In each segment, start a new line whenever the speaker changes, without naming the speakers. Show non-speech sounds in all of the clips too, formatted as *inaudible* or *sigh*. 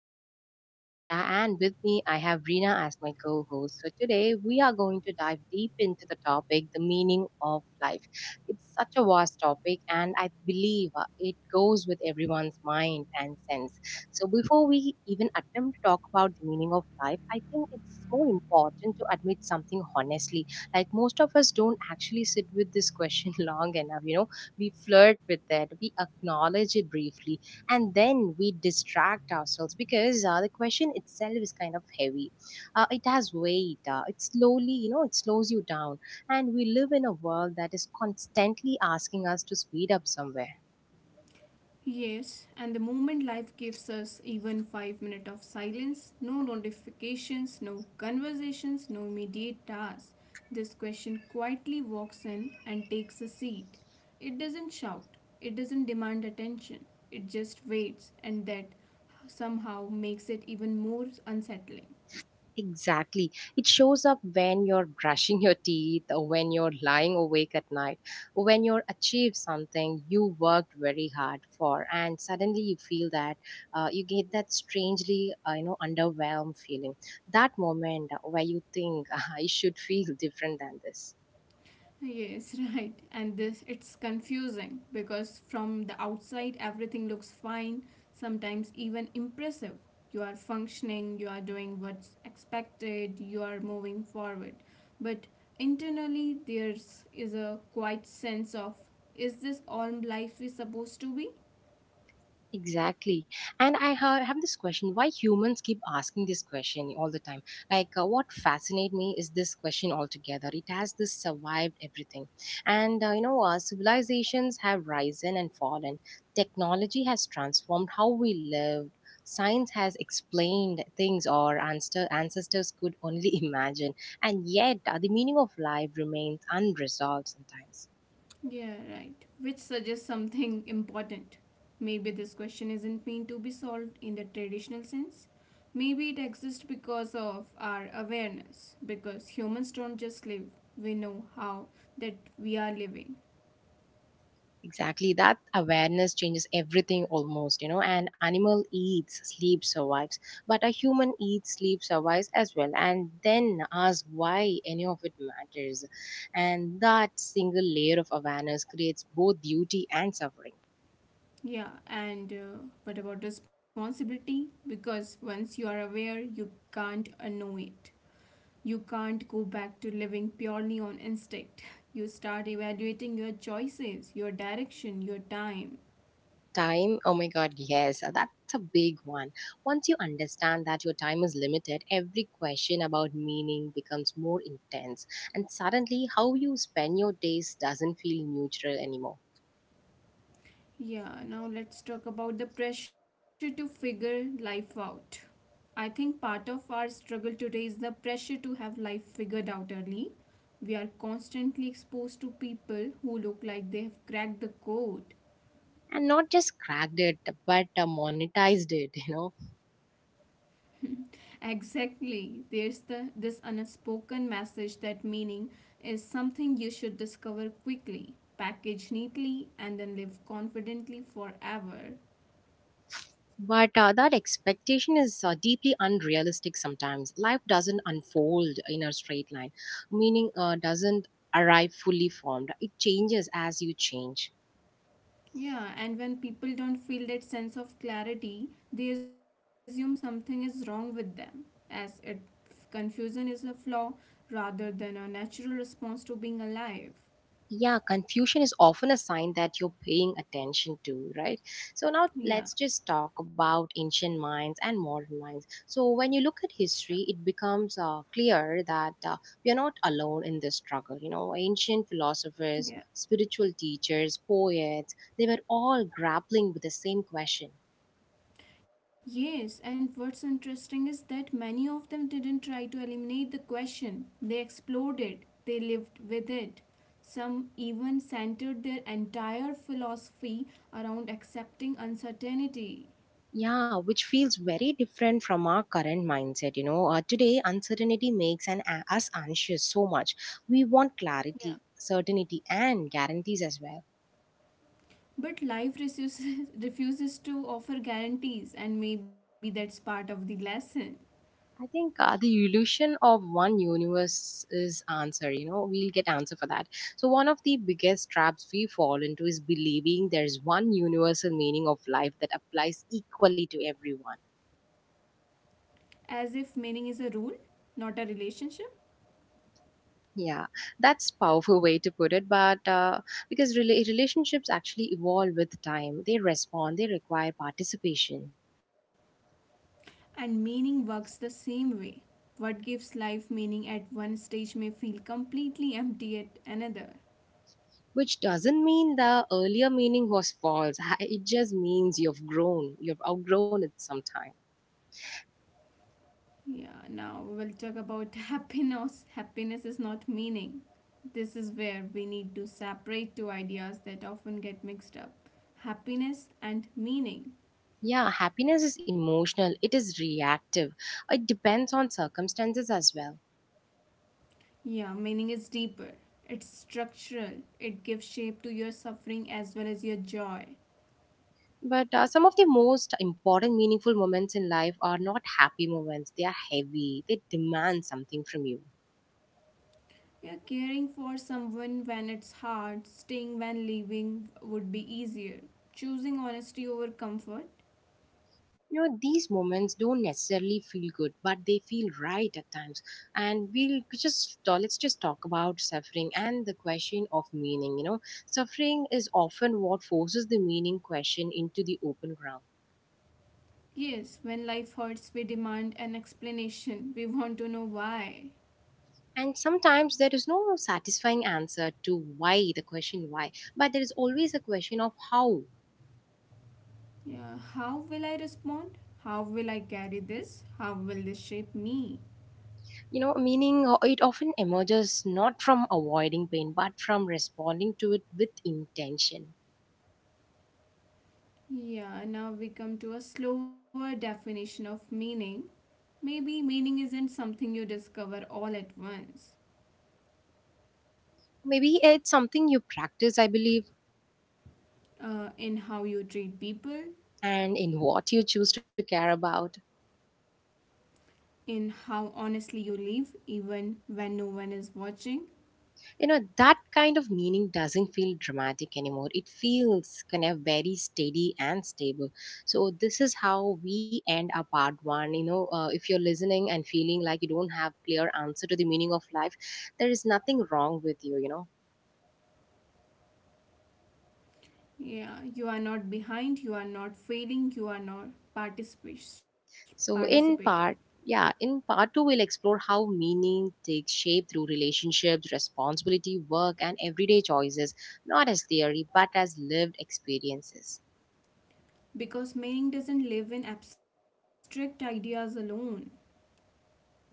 is your host, Asha, and with me, I have Rina as my co host. So, today we are going to dive deep into the topic, the meaning of life. It's such a vast topic, and I believe it goes with everyone's mind and sense. So, before we even attempt to talk about the meaning of life, I think it's more important to admit something honestly. Like, most of us don't actually sit with this question *laughs* long enough, we flirt with it, we acknowledge it briefly, and then we distract ourselves because the question itself is kind of heavy. It has weight. It slowly, it slows you down, and we live in a world that is constantly asking us to speed up somewhere.
Yes, and the moment life gives us even 5 minutes of silence, no notifications, no conversations, no immediate tasks, this question quietly walks in and takes a seat. It doesn't shout, it doesn't demand attention, it just waits, and that somehow makes it even more unsettling.
Exactly. It shows up when you're brushing your teeth, or when you're lying awake at night, or when you're achieved something you worked very hard for, and suddenly you feel that, you get that strangely, underwhelmed feeling. That moment where you think *laughs* I should feel *laughs* different than this.
Yes, *laughs* right. And this it's confusing because from the outside everything looks fine, sometimes even impressive. You are functioning, you are doing what's expected, you are moving forward. But internally there's is a quiet sense of, is this all life is supposed to be?
Exactly. And have this question why humans keep asking this question all the time. Like, what fascinates me is this question altogether. It has this survived everything. And, civilizations have risen and fallen, technology has transformed how we lived. Science has explained things our ancestors could only *laughs* imagine, and yet the meaning of life remains unresolved sometimes.
Yeah, right. Which suggests something *laughs* important. Maybe this question isn't meant to be solved in the traditional sense. Maybe it exists because of our awareness, because humans don't just live, we know how that we are living.
Exactly. That awareness changes everything almost, you know. An animal eats, sleeps, survives. But a human eats, sleeps, survives as well. And then ask why any of it matters. And that single layer of awareness creates both beauty and suffering.
Yeah, and what about responsibility? Because once you are aware, you can't unknow it. You can't go back to living purely on instinct. *laughs* You start evaluating your choices, your direction, your time.
Time, oh my god, yes, that's a big one. Once you understand that your time is limited, every question about meaning becomes more intense. And suddenly, how you spend your days doesn't feel neutral anymore.
Yeah, now let's talk about the pressure to figure life out. I think part of our struggle today is the pressure to have life figured out early. We are constantly exposed to people who look like they have cracked the code.
And not just cracked it, but monetized it, *laughs* you know.
*laughs* Exactly. There's the this unspoken message that meaning is something you should discover quickly, package neatly and then live confidently forever.
But that expectation is deeply unrealistic. Sometimes life doesn't unfold in a straight line. Meaning doesn't arrive fully formed. It changes as you change.
Yeah, and when people don't feel that sense of clarity, they assume something is wrong with them, as if confusion is a flaw rather than a natural response to being alive.
Yeah, confusion is often a sign that you're paying attention to, right? So now let's just
Yeah,
talk about ancient minds and modern minds. So when you look at
sure.
history, it becomes clear that we are not alone in this struggle, you know. Ancient philosophers,
Yeah.
spiritual teachers, poets, they were all grappling with the same question.
Yes, and what's interesting is that many of them didn't try to eliminate the question, they explored it, they lived with it. Some even centered their entire philosophy around accepting uncertainty.
Yeah, which feels very different from our current mindset. You know, today uncertainty makes us anxious so much. We want
Yeah.
clarity, certainty, and guarantees as well.
But life refuses, *laughs* refuses to offer guarantees, and maybe that's part of the lesson.
I think the illusion of one universe is answer. You know, we'll get answer for that. So one of the biggest traps we fall into is believing there's one universal meaning of life that applies equally to everyone.
As if meaning is a rule, not a relationship,
Yeah, that's powerful way to put it. But because relationships actually evolve with time, they respond, they require participation,
and meaning works the same way. What gives life meaning at one stage may feel completely empty at another.
which doesn't mean the earlier meaning was false. *laughs* It just means you've grown, you've outgrown it sometime.
Yeah, now we'll talk about *laughs* happiness. Happiness is not meaning. This is where we need to separate two ideas that often get mixed up: happiness and meaning.
Yeah, happiness is emotional, it is reactive, it depends on circumstances as well.
Yeah, meaning is deeper. It's structural. It gives shape to your suffering as well as your joy.
But some of the most important, meaningful moments in life are not happy moments. They are heavy. They demand something from you.
Yeah, caring for someone when it's hard, staying when leaving would be easier. Choosing honesty over comfort.
You know, these moments don't necessarily feel good, but they feel right at times. And we'll just let's just talk about suffering and the question of meaning. You know, suffering is often what forces the meaning question into the open ground.
Yes, when life hurts, we demand an explanation. We want to know why.
And sometimes there is no satisfying answer to why, the question why, but there is always a question of how.
Yeah, how will I respond? How will I carry this? How will this shape me?
You know, meaning, it often emerges not from avoiding pain, but from responding to it with intention.
Yeah, now we come to a slower definition of meaning. Maybe meaning isn't something you discover all at once.
Maybe it's something you practice, I believe,
In how you treat people,
and in what you choose to care about.
in how honestly you live, even when no one is watching.
You know, that kind of meaning doesn't feel dramatic anymore. It feels kind of very steady and stable. So, this is how we end our part one. You know, if you're listening and feeling like you don't have clear answer to the meaning of life, there is nothing wrong with you, you know.
Yeah, you are not behind, you are not failing, you are not
So,
participating.
in part Yeah, in part two, we'll explore how meaning takes shape through relationships, responsibility, work, and everyday choices, not as theory, but as lived experiences.
Because meaning doesn't live in abstract ideas alone.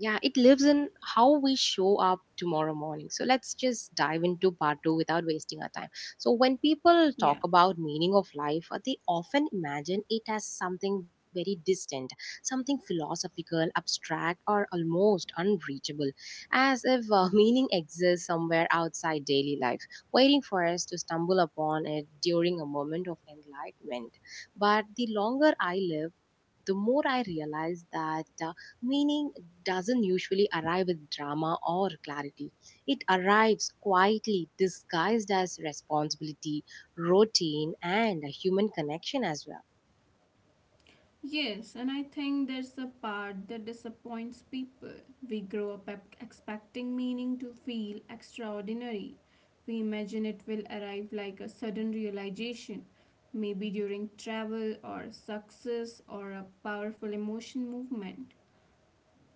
Yeah, it lives in how we show up tomorrow morning. So let's just dive into part two without wasting our time. So when people
Yeah.
talk about meaning of life, they often imagine it as something very distant, something philosophical, abstract, or almost unreachable, as if *laughs* meaning exists somewhere outside daily life, waiting for us to stumble upon it during a moment of enlightenment. But the longer I live, the more I realize that. Meaning doesn't usually arrive with drama or clarity. It arrives quietly, disguised as responsibility, routine, and a human connection as well.
Yes, and I think there's a part that disappoints people. We grow up expecting meaning to feel extraordinary. We imagine it will arrive like a sudden realization, maybe during travel or success or a powerful emotion movement.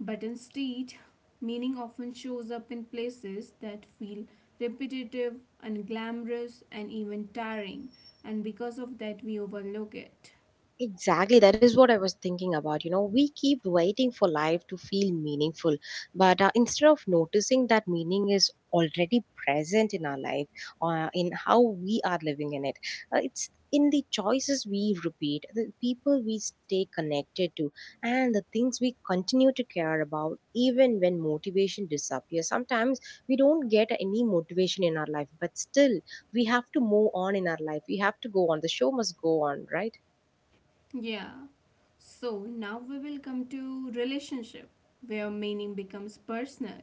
But instead, meaning often shows up in places that feel repetitive, unglamorous, and even tiring, and because of that, we overlook it.
Exactly, that is what I was thinking about. You know, we keep waiting for life to feel meaningful, but instead of noticing that meaning is already present in our life, in how we are living in it, it's in the choices we repeat, the people we stay connected to, and the things we continue to care about, even when motivation disappears. Sometimes we don't get any motivation in our life, but still we have to move on in our life. We have to go on. The show must go on, right?
Yeah. So now we will come to relationship where meaning becomes personal.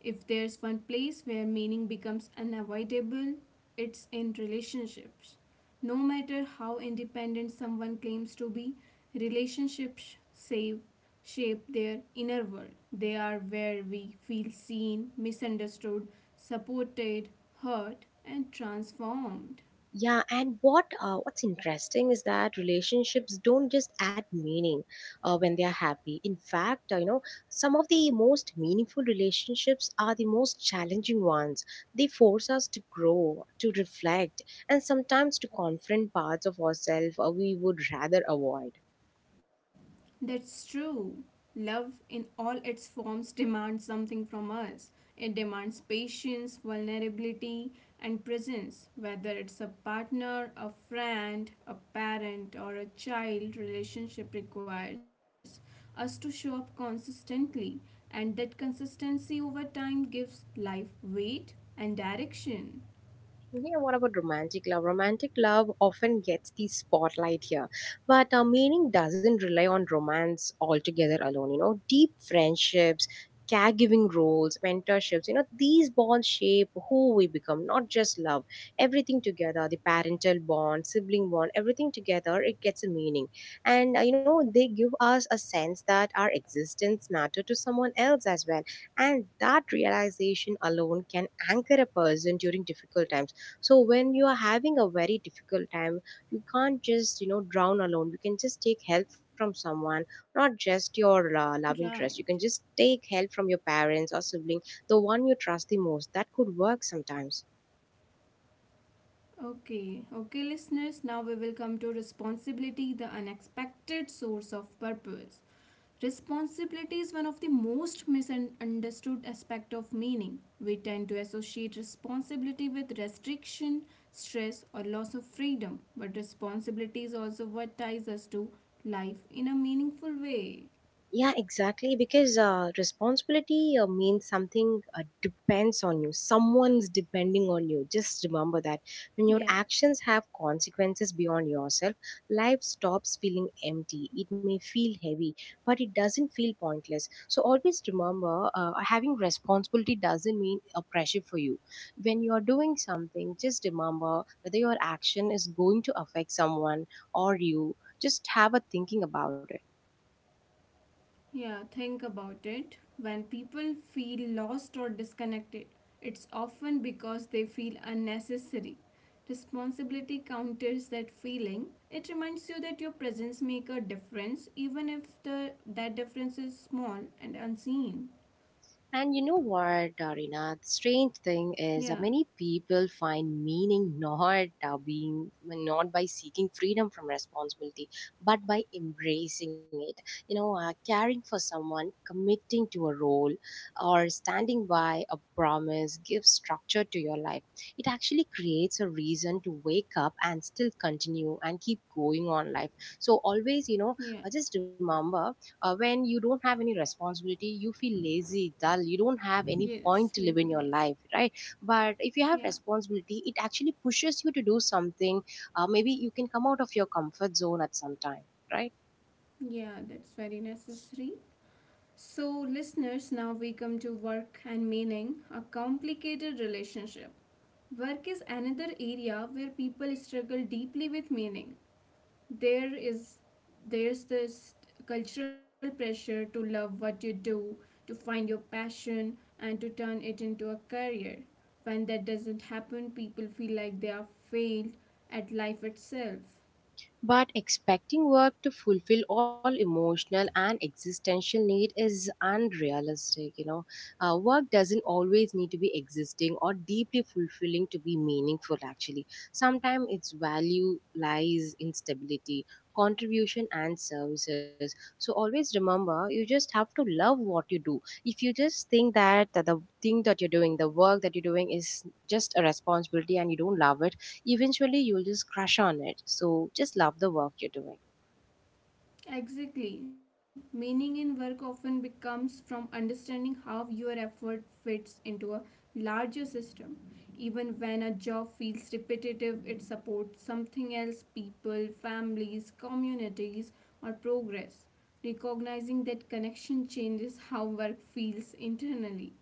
If there's one place where meaning becomes unavoidable, it's in relationships. No matter how independent someone claims to be, relationships save shape their inner world. They are where we feel seen, misunderstood, supported, hurt and transformed.
Yeah, and what's interesting is that relationships don't just add meaning when they are happy. In fact, some of the most meaningful relationships are the most challenging ones. They force us to grow, to reflect, and sometimes to confront parts of ourselves we would rather avoid.
That's true. Love in all its forms demands something from us. It demands patience, vulnerability, and presence, whether it's a partner, a friend, a parent, or a child, relationship requires us to show up consistently, and that consistency over time gives life weight and direction.
Yeah, what about romantic love? Romantic love often gets the spotlight here, but meaning doesn't rely on romance altogether alone. You know, deep friendships, caregiving roles, mentorships, you know, these bonds shape who we become, not just love. Everything together, the parental bond, sibling bond, everything together, it gets a meaning. And, they give us a sense that our existence matter to someone else as well. And that realization alone can anchor a person during difficult times. So when you are having a very difficult time, you can't just, you know, drown alone. You can just take help from someone, not just your love
Right.
interest. You can just take help from your parents or sibling, the one you trust the most. That could work sometimes.
Okay, okay, listeners, now we will come to responsibility, the unexpected source of purpose. Responsibility is one of the most misunderstood aspect of meaning. We tend to associate responsibility with restriction, stress, or loss of freedom, but responsibility is also what ties us to life in a meaningful way.
Yeah, exactly. Because responsibility means something depends on you. Someone's depending on you. Just remember that when your
Yeah.
actions have consequences beyond yourself, life stops feeling empty. It may feel heavy, but it doesn't feel pointless. So always remember, having responsibility doesn't mean a pressure for you. When you are doing something, just remember whether your action is going to affect someone or you. Just have a thinking about it.
Yeah, think about it. When people feel lost or disconnected, it's often because they feel unnecessary. Responsibility counters that feeling. It reminds you that your presence makes a difference, even if the that difference is small and unseen.
And you know what, Darina? The strange thing is,
Yeah,
many people find meaning *laughs* not by seeking freedom from responsibility, but by embracing it. You know, caring for someone, committing to a role, or standing by a promise gives structure to your life. It actually creates a reason to wake up and still continue and keep going on life. So always, you know,
yeah,
just remember, when you don't have any responsibility, you feel lazy, dull, you don't have any point
yes,
to
we
live in
feel
your
lazy.
life, right? But if you have
Yeah,
responsibility, it actually pushes you to do something. Maybe you can come out of your comfort zone at some time, right?
yeah, that's very necessary. So, listeners, now we come to work and meaning, a complicated relationship. Work is another area where people struggle deeply with meaning. There is there's this cultural pressure to love what you do, to find your passion and to turn it into a career. When that doesn't happen, people feel like they are failed at life itself.
But expecting work to fulfill all emotional and existential need is unrealistic. You know, work doesn't always need to be existing or deeply fulfilling to be meaningful. Actually, sometimes its value lies in stability, contribution, and services. So always remember, you just have to love what you do. If you just think that the thing that you're doing, the work that you're doing, is just a responsibility and you don't love it, eventually you'll just crush on it. So just love the work you're doing.
Exactly. Meaning in work often becomes from understanding how your effort fits into a larger system. Even when a job feels repetitive, it supports something else: people, families, communities, or progress. Recognizing that connection changes how work feels internally.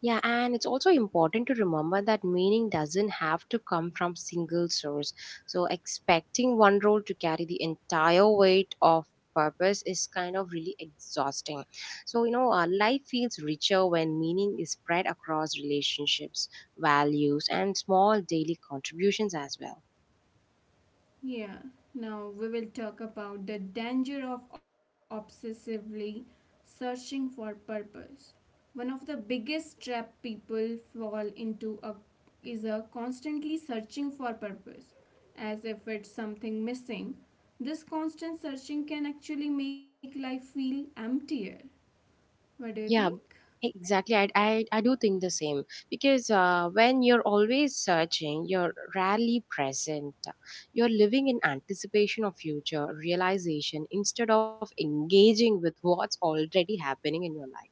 Yeah, and it's also important to remember that meaning doesn't have to come from single source. So expecting one role to carry the entire weight of purpose is kind of really exhausting. So you know, life feels richer when meaning is spread across relationships, values, and small daily contributions as well.
Yeah, now we will talk about the danger of obsessively searching for purpose. One of the biggest trap people fall into a, is a constantly searching for purpose, as if it's something missing. This constant searching can actually make life feel emptier. What do you
Yeah,
think?
exactly. I do think the same, because when you're always searching, you're rarely present. You're living in anticipation of future realization instead of engaging with what's already happening in your life.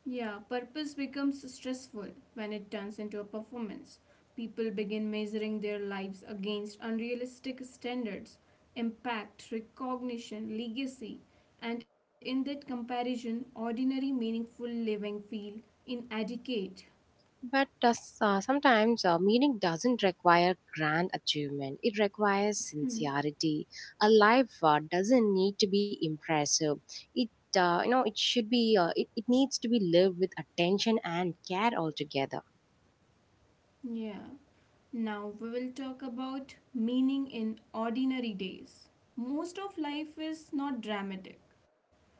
Yeah, purpose becomes stressful when it turns into a performance. People begin measuring their lives against unrealistic standards, impact, recognition, legacy, and in that comparison, ordinary, meaningful living feel inadequate.
But does, sometimes meaning doesn't require grand achievement. It requires
Hmm.
sincerity. A life doesn't need to be impressive. It it should be it needs to be lived with attention and care altogether.
Yeah. Now we will talk about meaning in ordinary days. Most of life is not dramatic.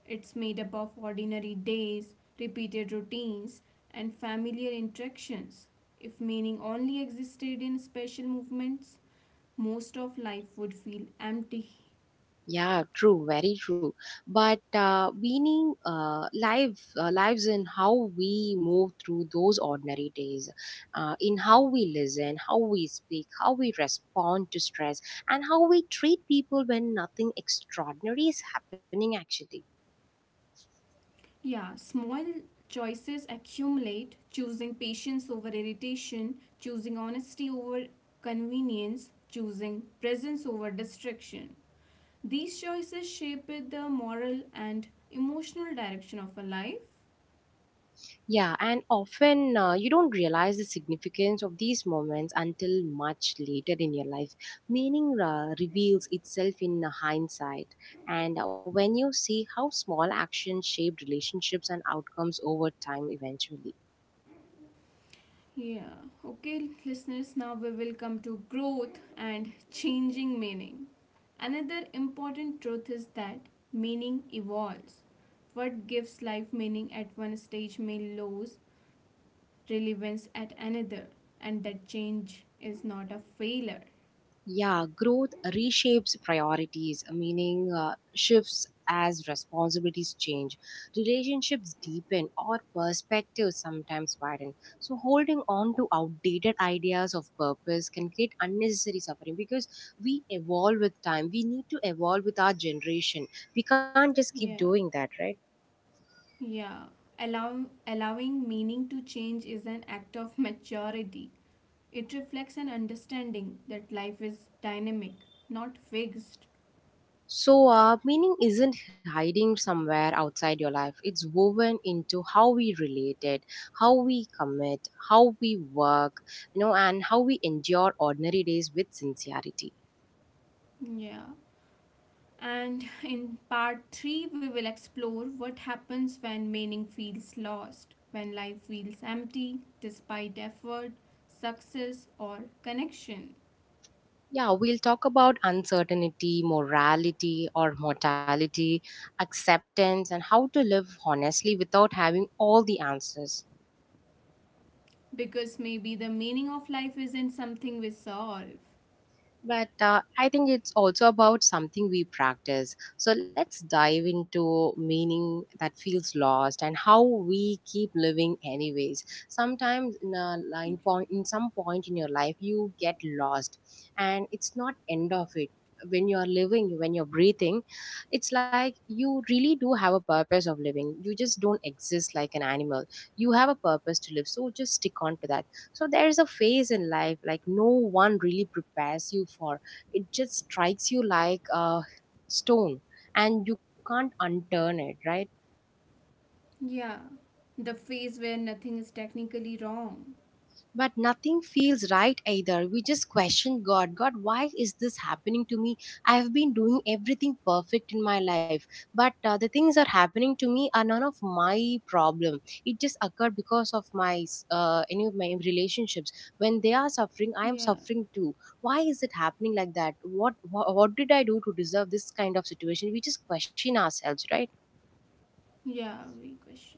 It's made up of ordinary days, repeated routines, and familiar interactions. If meaning only existed in special movements, most of life would feel empty.
Yeah, true, very true. But meaning life, lives in how we move through those ordinary days, in how we listen, how we speak, how we respond to stress, and how we treat people when nothing extraordinary is happening. Actually.
Yeah, small choices accumulate, choosing patience over irritation, choosing honesty over convenience, choosing presence over distraction. These choices shape the moral and emotional direction of a life.
Yeah, and often you don't realize the significance of these moments until much later in your life. Meaning reveals itself in hindsight. And when you see how small actions shaped relationships and outcomes over time eventually.
Yeah, okay, listeners, now we will come to growth and changing meaning. Another important truth is that meaning evolves. What gives life meaning at one stage may lose relevance at another, and that change is not a failure.
Yeah, growth reshapes priorities, meaning shifts as responsibilities change. Relationships deepen or perspectives sometimes widen. So, holding on to outdated ideas of purpose can create unnecessary suffering because we evolve with time. We need to evolve with our generation. We can't just keep
Yeah,
doing that, right?
yeah. Allowing meaning to change is an act of maturity. It reflects an understanding that life is dynamic, not fixed.
So, meaning isn't hiding somewhere outside your life. It's woven into how we relate it, how we commit, how we work, and how we endure ordinary days with sincerity.
Yeah. And in part 3, we will explore what happens when meaning feels lost, when life feels empty despite effort, success, or connection.
Yeah, we'll talk about uncertainty, morality or mortality, acceptance, and how to live honestly without having all the answers.
Because maybe the meaning of life isn't something we solve.
But I think it's also about something we practice. So let's dive into meaning that feels lost and how we keep living anyways. Sometimes in a line point, in some point in your life, you get lost, and it's not end of it. When you are living, when you're breathing, it's like you really do have a purpose of living. You just don't exist like an animal. You have a purpose to live, so just stick on to that. So there is a phase in life like no one really prepares you for. It just strikes you like a stone, and you can't unturn it, right?
Yeah. The phase where nothing is technically wrong.
But nothing feels right either. We just question God. God, why is this happening to me? I have been doing everything perfect in my life, but the things that are happening to me are none of my problem. It just occurred because of any of my relationships. When they are suffering, I am
Yeah.
suffering too. Why is it happening like that? What did I do to deserve this kind of situation? We just question ourselves, right?
Yeah, we question.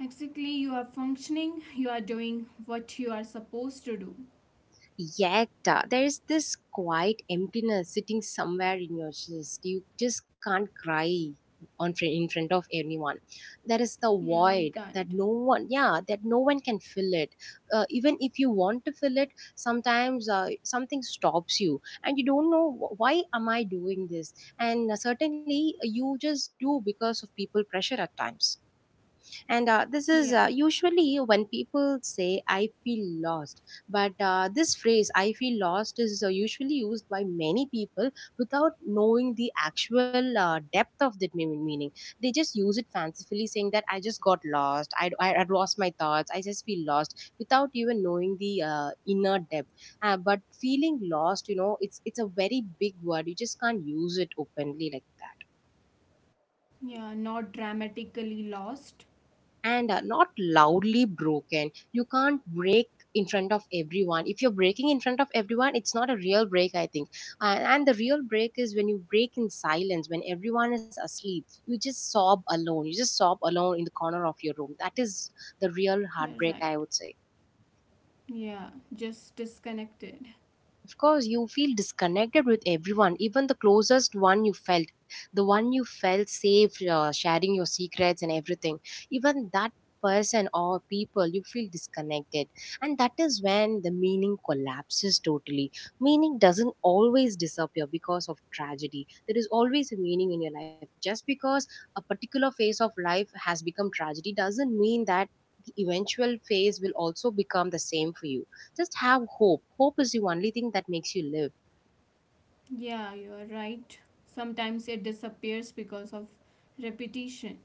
Exactly, you are functioning, you are doing what you are supposed to do.
Yet, there is this quiet emptiness sitting somewhere in your chest. You just can't cry in front of anyone. There is the
Yeah, we
void that
can't.
no one, yeah, that no one can fill it. Even if you want to fill it, sometimes something stops you, and you don't know why am I doing this. And certainly, you just do because of people pressure at times, and this is
Yeah,
usually when people say I feel lost. But this phrase I feel lost is usually used by many people without knowing the actual depth of that meaning. They just use it fancifully saying that I just got lost. I lost my thoughts. I just feel lost without even knowing the inner depth. But feeling lost, you know, it's a very big word. You just can't use it openly like that.
yeah, not dramatically lost.
And not loudly broken. You can't break in front of everyone. If you're breaking in front of everyone, it's not a real break, I think. And the real break is when you break in silence, when everyone is asleep. You just sob alone. You just sob alone in the corner of your room. That is the real
You're
heartbreak, I
right.
would say.
Yeah, just disconnected.
Of course, you feel disconnected with everyone, even the closest one you felt, the one you felt safe sharing your secrets and everything. Even that person or people, you feel disconnected. And that is when the meaning collapses totally. Meaning doesn't always disappear because of tragedy. There is always a meaning in your life. Just because a particular phase of life has become tragedy doesn't mean that the eventual phase will also become the same for you. Just have hope. Hope is the only thing that makes you live.
Yeah, you're right. Sometimes it disappears because of repetition.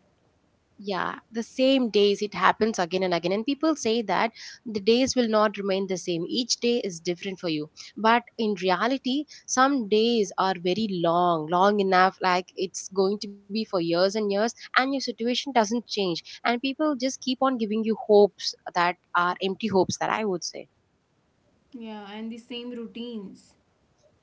Yeah, the same days, it happens again and again. And people say that the days will not remain the same. Each day is different for you. But in reality, some days are very long, long enough, like it's going to be for years and years, and your situation doesn't change. And people just keep on giving you hopes that are empty hopes, that I would say.
Yeah, and the same routines.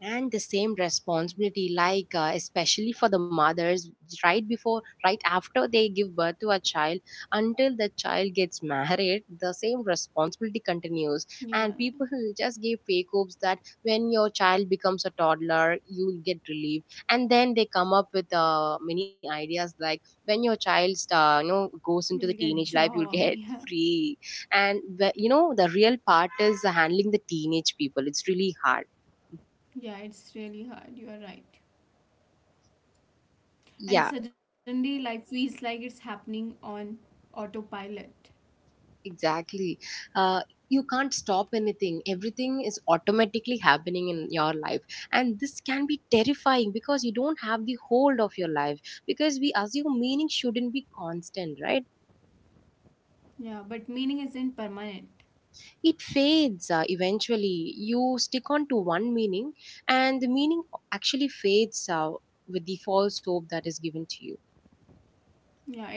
And the same responsibility, like especially for the mothers, right before, right after they give birth to a child until the child gets *laughs* married, the same responsibility continues.
Yeah,
And people just give fake hopes that when your child becomes a toddler, you'll get relief. And then they come up with many ideas, like when your child goes
we'll
into the
get
teenage life,
job.
you'll
*laughs*
get
Yeah,
*laughs* free. And you know, the real part is handling the teenage people, it's really hard.
yeah, it's really hard. You're right.
Yeah.
And suddenly life feels like it's happening on autopilot.
Exactly. Uh, you can't stop anything. Everything is automatically happening in your life. And this can be terrifying because you don't have the hold of your life. Because we assume meaning shouldn't be constant, right?
Yeah, but meaning isn't permanent.
It fades eventually. You stick on to one meaning, and the meaning actually fades with the false hope that is given to you.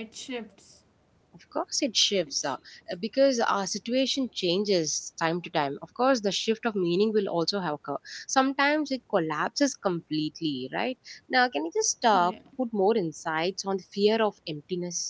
Yeah, it shifts.
Of course, it shifts
It sh-
because our situation changes time to time. Of course, the shift of meaning will also have occur. Sometimes it collapses completely, right? Now, can you just put
yeah.
more insights on the fear of emptiness?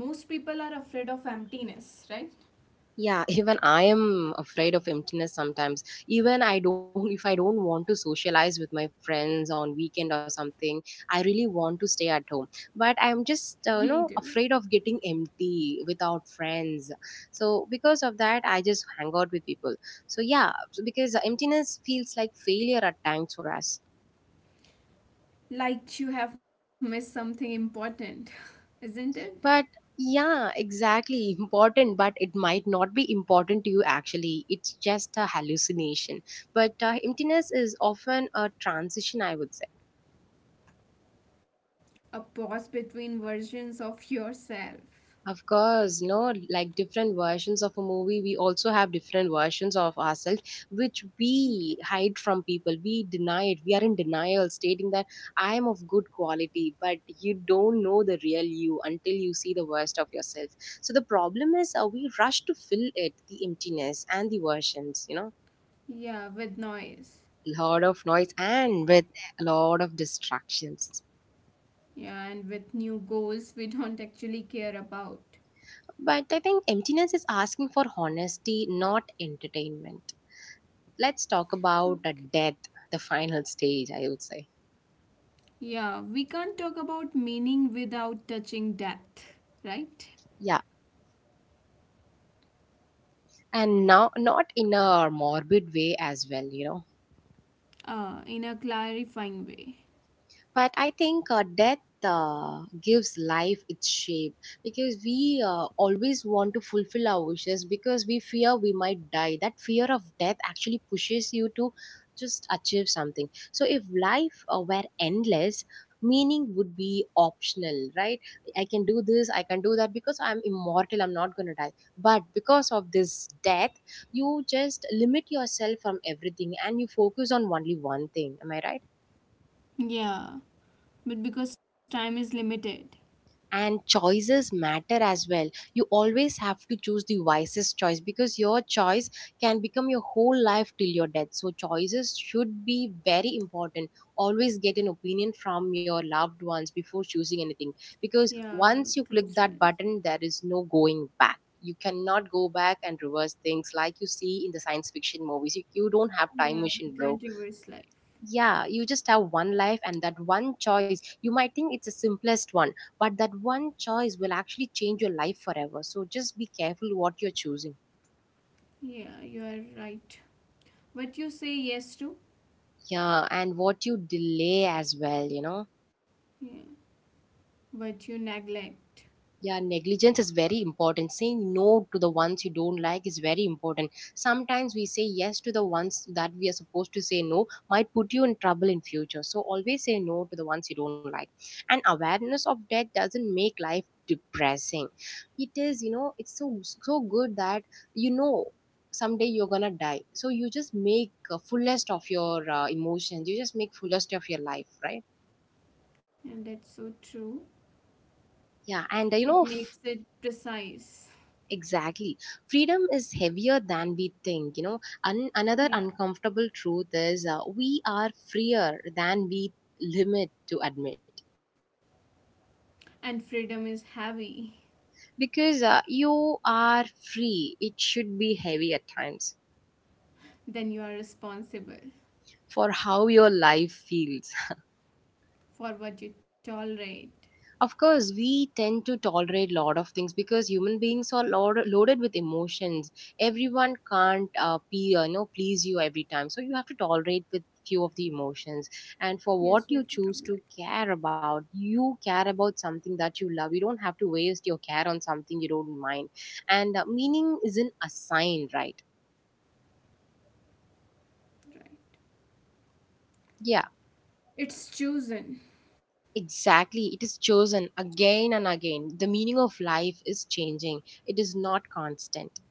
Yeah, most people are afraid of emptiness, right?
Yeah, *laughs* even I am afraid of emptiness sometimes. Even I don't, if I don't want to socialize with my friends on weekend or something, I really want to stay at home. But I'm just
*laughs* Me
afraid
too.
of getting empty without friends. So because of that, I just hang out with people. So yeah, so because emptiness feels like failure at times for us.
Like you have missed something important, isn't it?
But yeah, exactly. Important, but it might not be important to you actually. It's just a hallucination. But emptiness is often a transition, I would say.
A pause between versions of yourself.
Of course, no, like different versions of a movie, we also have different versions of ourselves, which we
Yeah.
hide from people. We deny it. We are in denial, stating that I'm of good quality, but you don't know the real you until you see the worst of yourself. So the problem is, we rush to fill it, the emptiness and the versions, you know,
Yeah, with noise.
lot of noise and with a lot of distractions.
Yeah, and with new goals we don't actually care about.
But I think emptiness is asking for honesty, not entertainment. Let's talk about the death, the final stage, I would say.
Yeah, we can't talk about meaning without touching depth, right?
Yeah. And now, not in a morbid way as well, you know.
In a clarifying way.
But I think death gives life its shape because we always want to fulfill our wishes because we fear we might die. That fear of death actually pushes you to just achieve something. So if life were endless, meaning would be optional, right? I can do this, I can do that because I'm immortal, I'm not going to die. But because of this death, you just limit yourself from everything and you focus on only one thing. Am I right?
Yeah, but because time is limited,
And choices matter as well. You always have to choose the wisest choice because your choice can become your whole life till your death. So choices should be very important. Always get an opinion from your loved ones before choosing anything. Because
yeah,
once you
close
click
ones.
that button, there is no going back. You cannot go back and reverse things like you see in the science fiction movies. You don't have time
Yeah, we
machine,
can't
bro.
reverse life.
Yeah, you just have one life, and that one choice, you might think it's the simplest one, but that one choice will actually change your life forever. So just be careful what you're choosing.
Yeah, you are right. What you say yes to,
Yeah, and what you delay as well, you know.
yeah, what you neglect,
Yeah, negligence is very important. Saying no to the ones you don't like is very important. Sometimes we say yes to the ones that we are supposed to say no might put you in trouble in future. So always say no to the ones you don't like. And awareness of death doesn't make life depressing. It is, you know, it's so so good that you know someday you're gonna die. So you just make fullest of your emotions. You just make fullest of your life, right?
and that's so true.
Yeah, and
It makes it precise.
exactly. Freedom is heavier than we think. You know, another
Yeah,
uncomfortable truth is we are freer than we limit to admit.
and freedom is heavy.
Because you are free, it should be heavy at times
Then you are responsible
for how your life feels.
for what you tolerate.
Of course, we tend to tolerate a lot of things because human beings are loaded with emotions. Everyone can't be, please you every time. So you have to tolerate with few of the emotions. And for what
Yes,
you
we have to
choose to
tolerate,
care about, you care about something that you love. You don't have to waste your care on something you don't mind. And meaning isn't assigned, right?
right?
Yeah.
It's chosen.
Exactly, it is chosen again and again. The meaning of life is changing, it is not constant.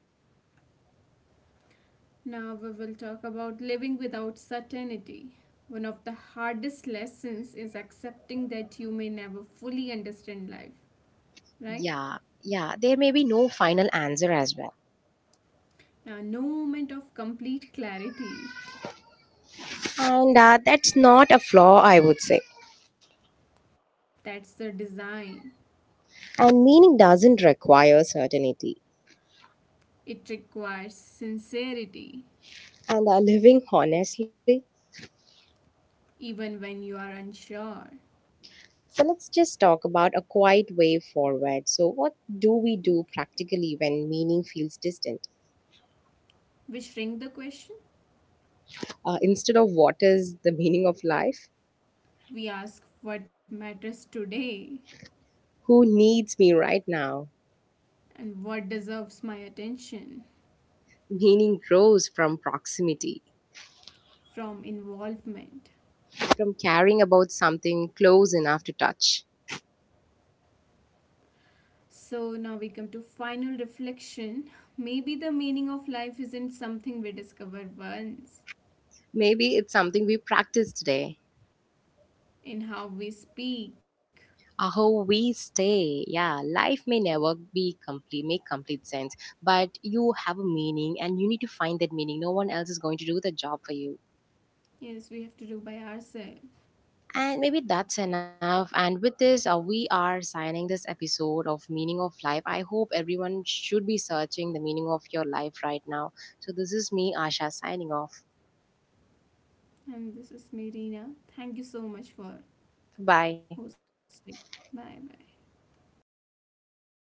Now we will talk about living without certainty. One of the hardest lessons is accepting that you may never fully understand life, right?
Yeah, yeah, there may be no final answer as well.
No moment of complete clarity.
And that's not a flaw, I would say.
That's the design.
And meaning doesn't require certainty.
It requires sincerity,
And living honestly.
even when you are unsure.
So let's just talk about a quiet way forward. So, what do we do practically when meaning feels distant?
We shrink the question.
Instead of what is the meaning of life?
We ask what matters today
Who needs me right now?
and what deserves my attention
Meaning grows from proximity,
from involvement.
from caring about something close enough to touch.
So now we come to final reflection. Maybe the meaning of life isn't something we discover once
Maybe it's something we practice today,
in how we speak.
how we stay. Yeah, life may never be complete, make complete sense, but you have a meaning and you need to find that meaning. No one else is going to do the job for you.
Yes, we have to do by ourselves.
And maybe that's enough. And with this, we are signing this episode of Meaning of Life. I hope everyone should be searching the meaning of your life right now. So, this is me, Asha, signing off.
And this is Marina. Thank you so much for
Bye.
hosting. Bye bye.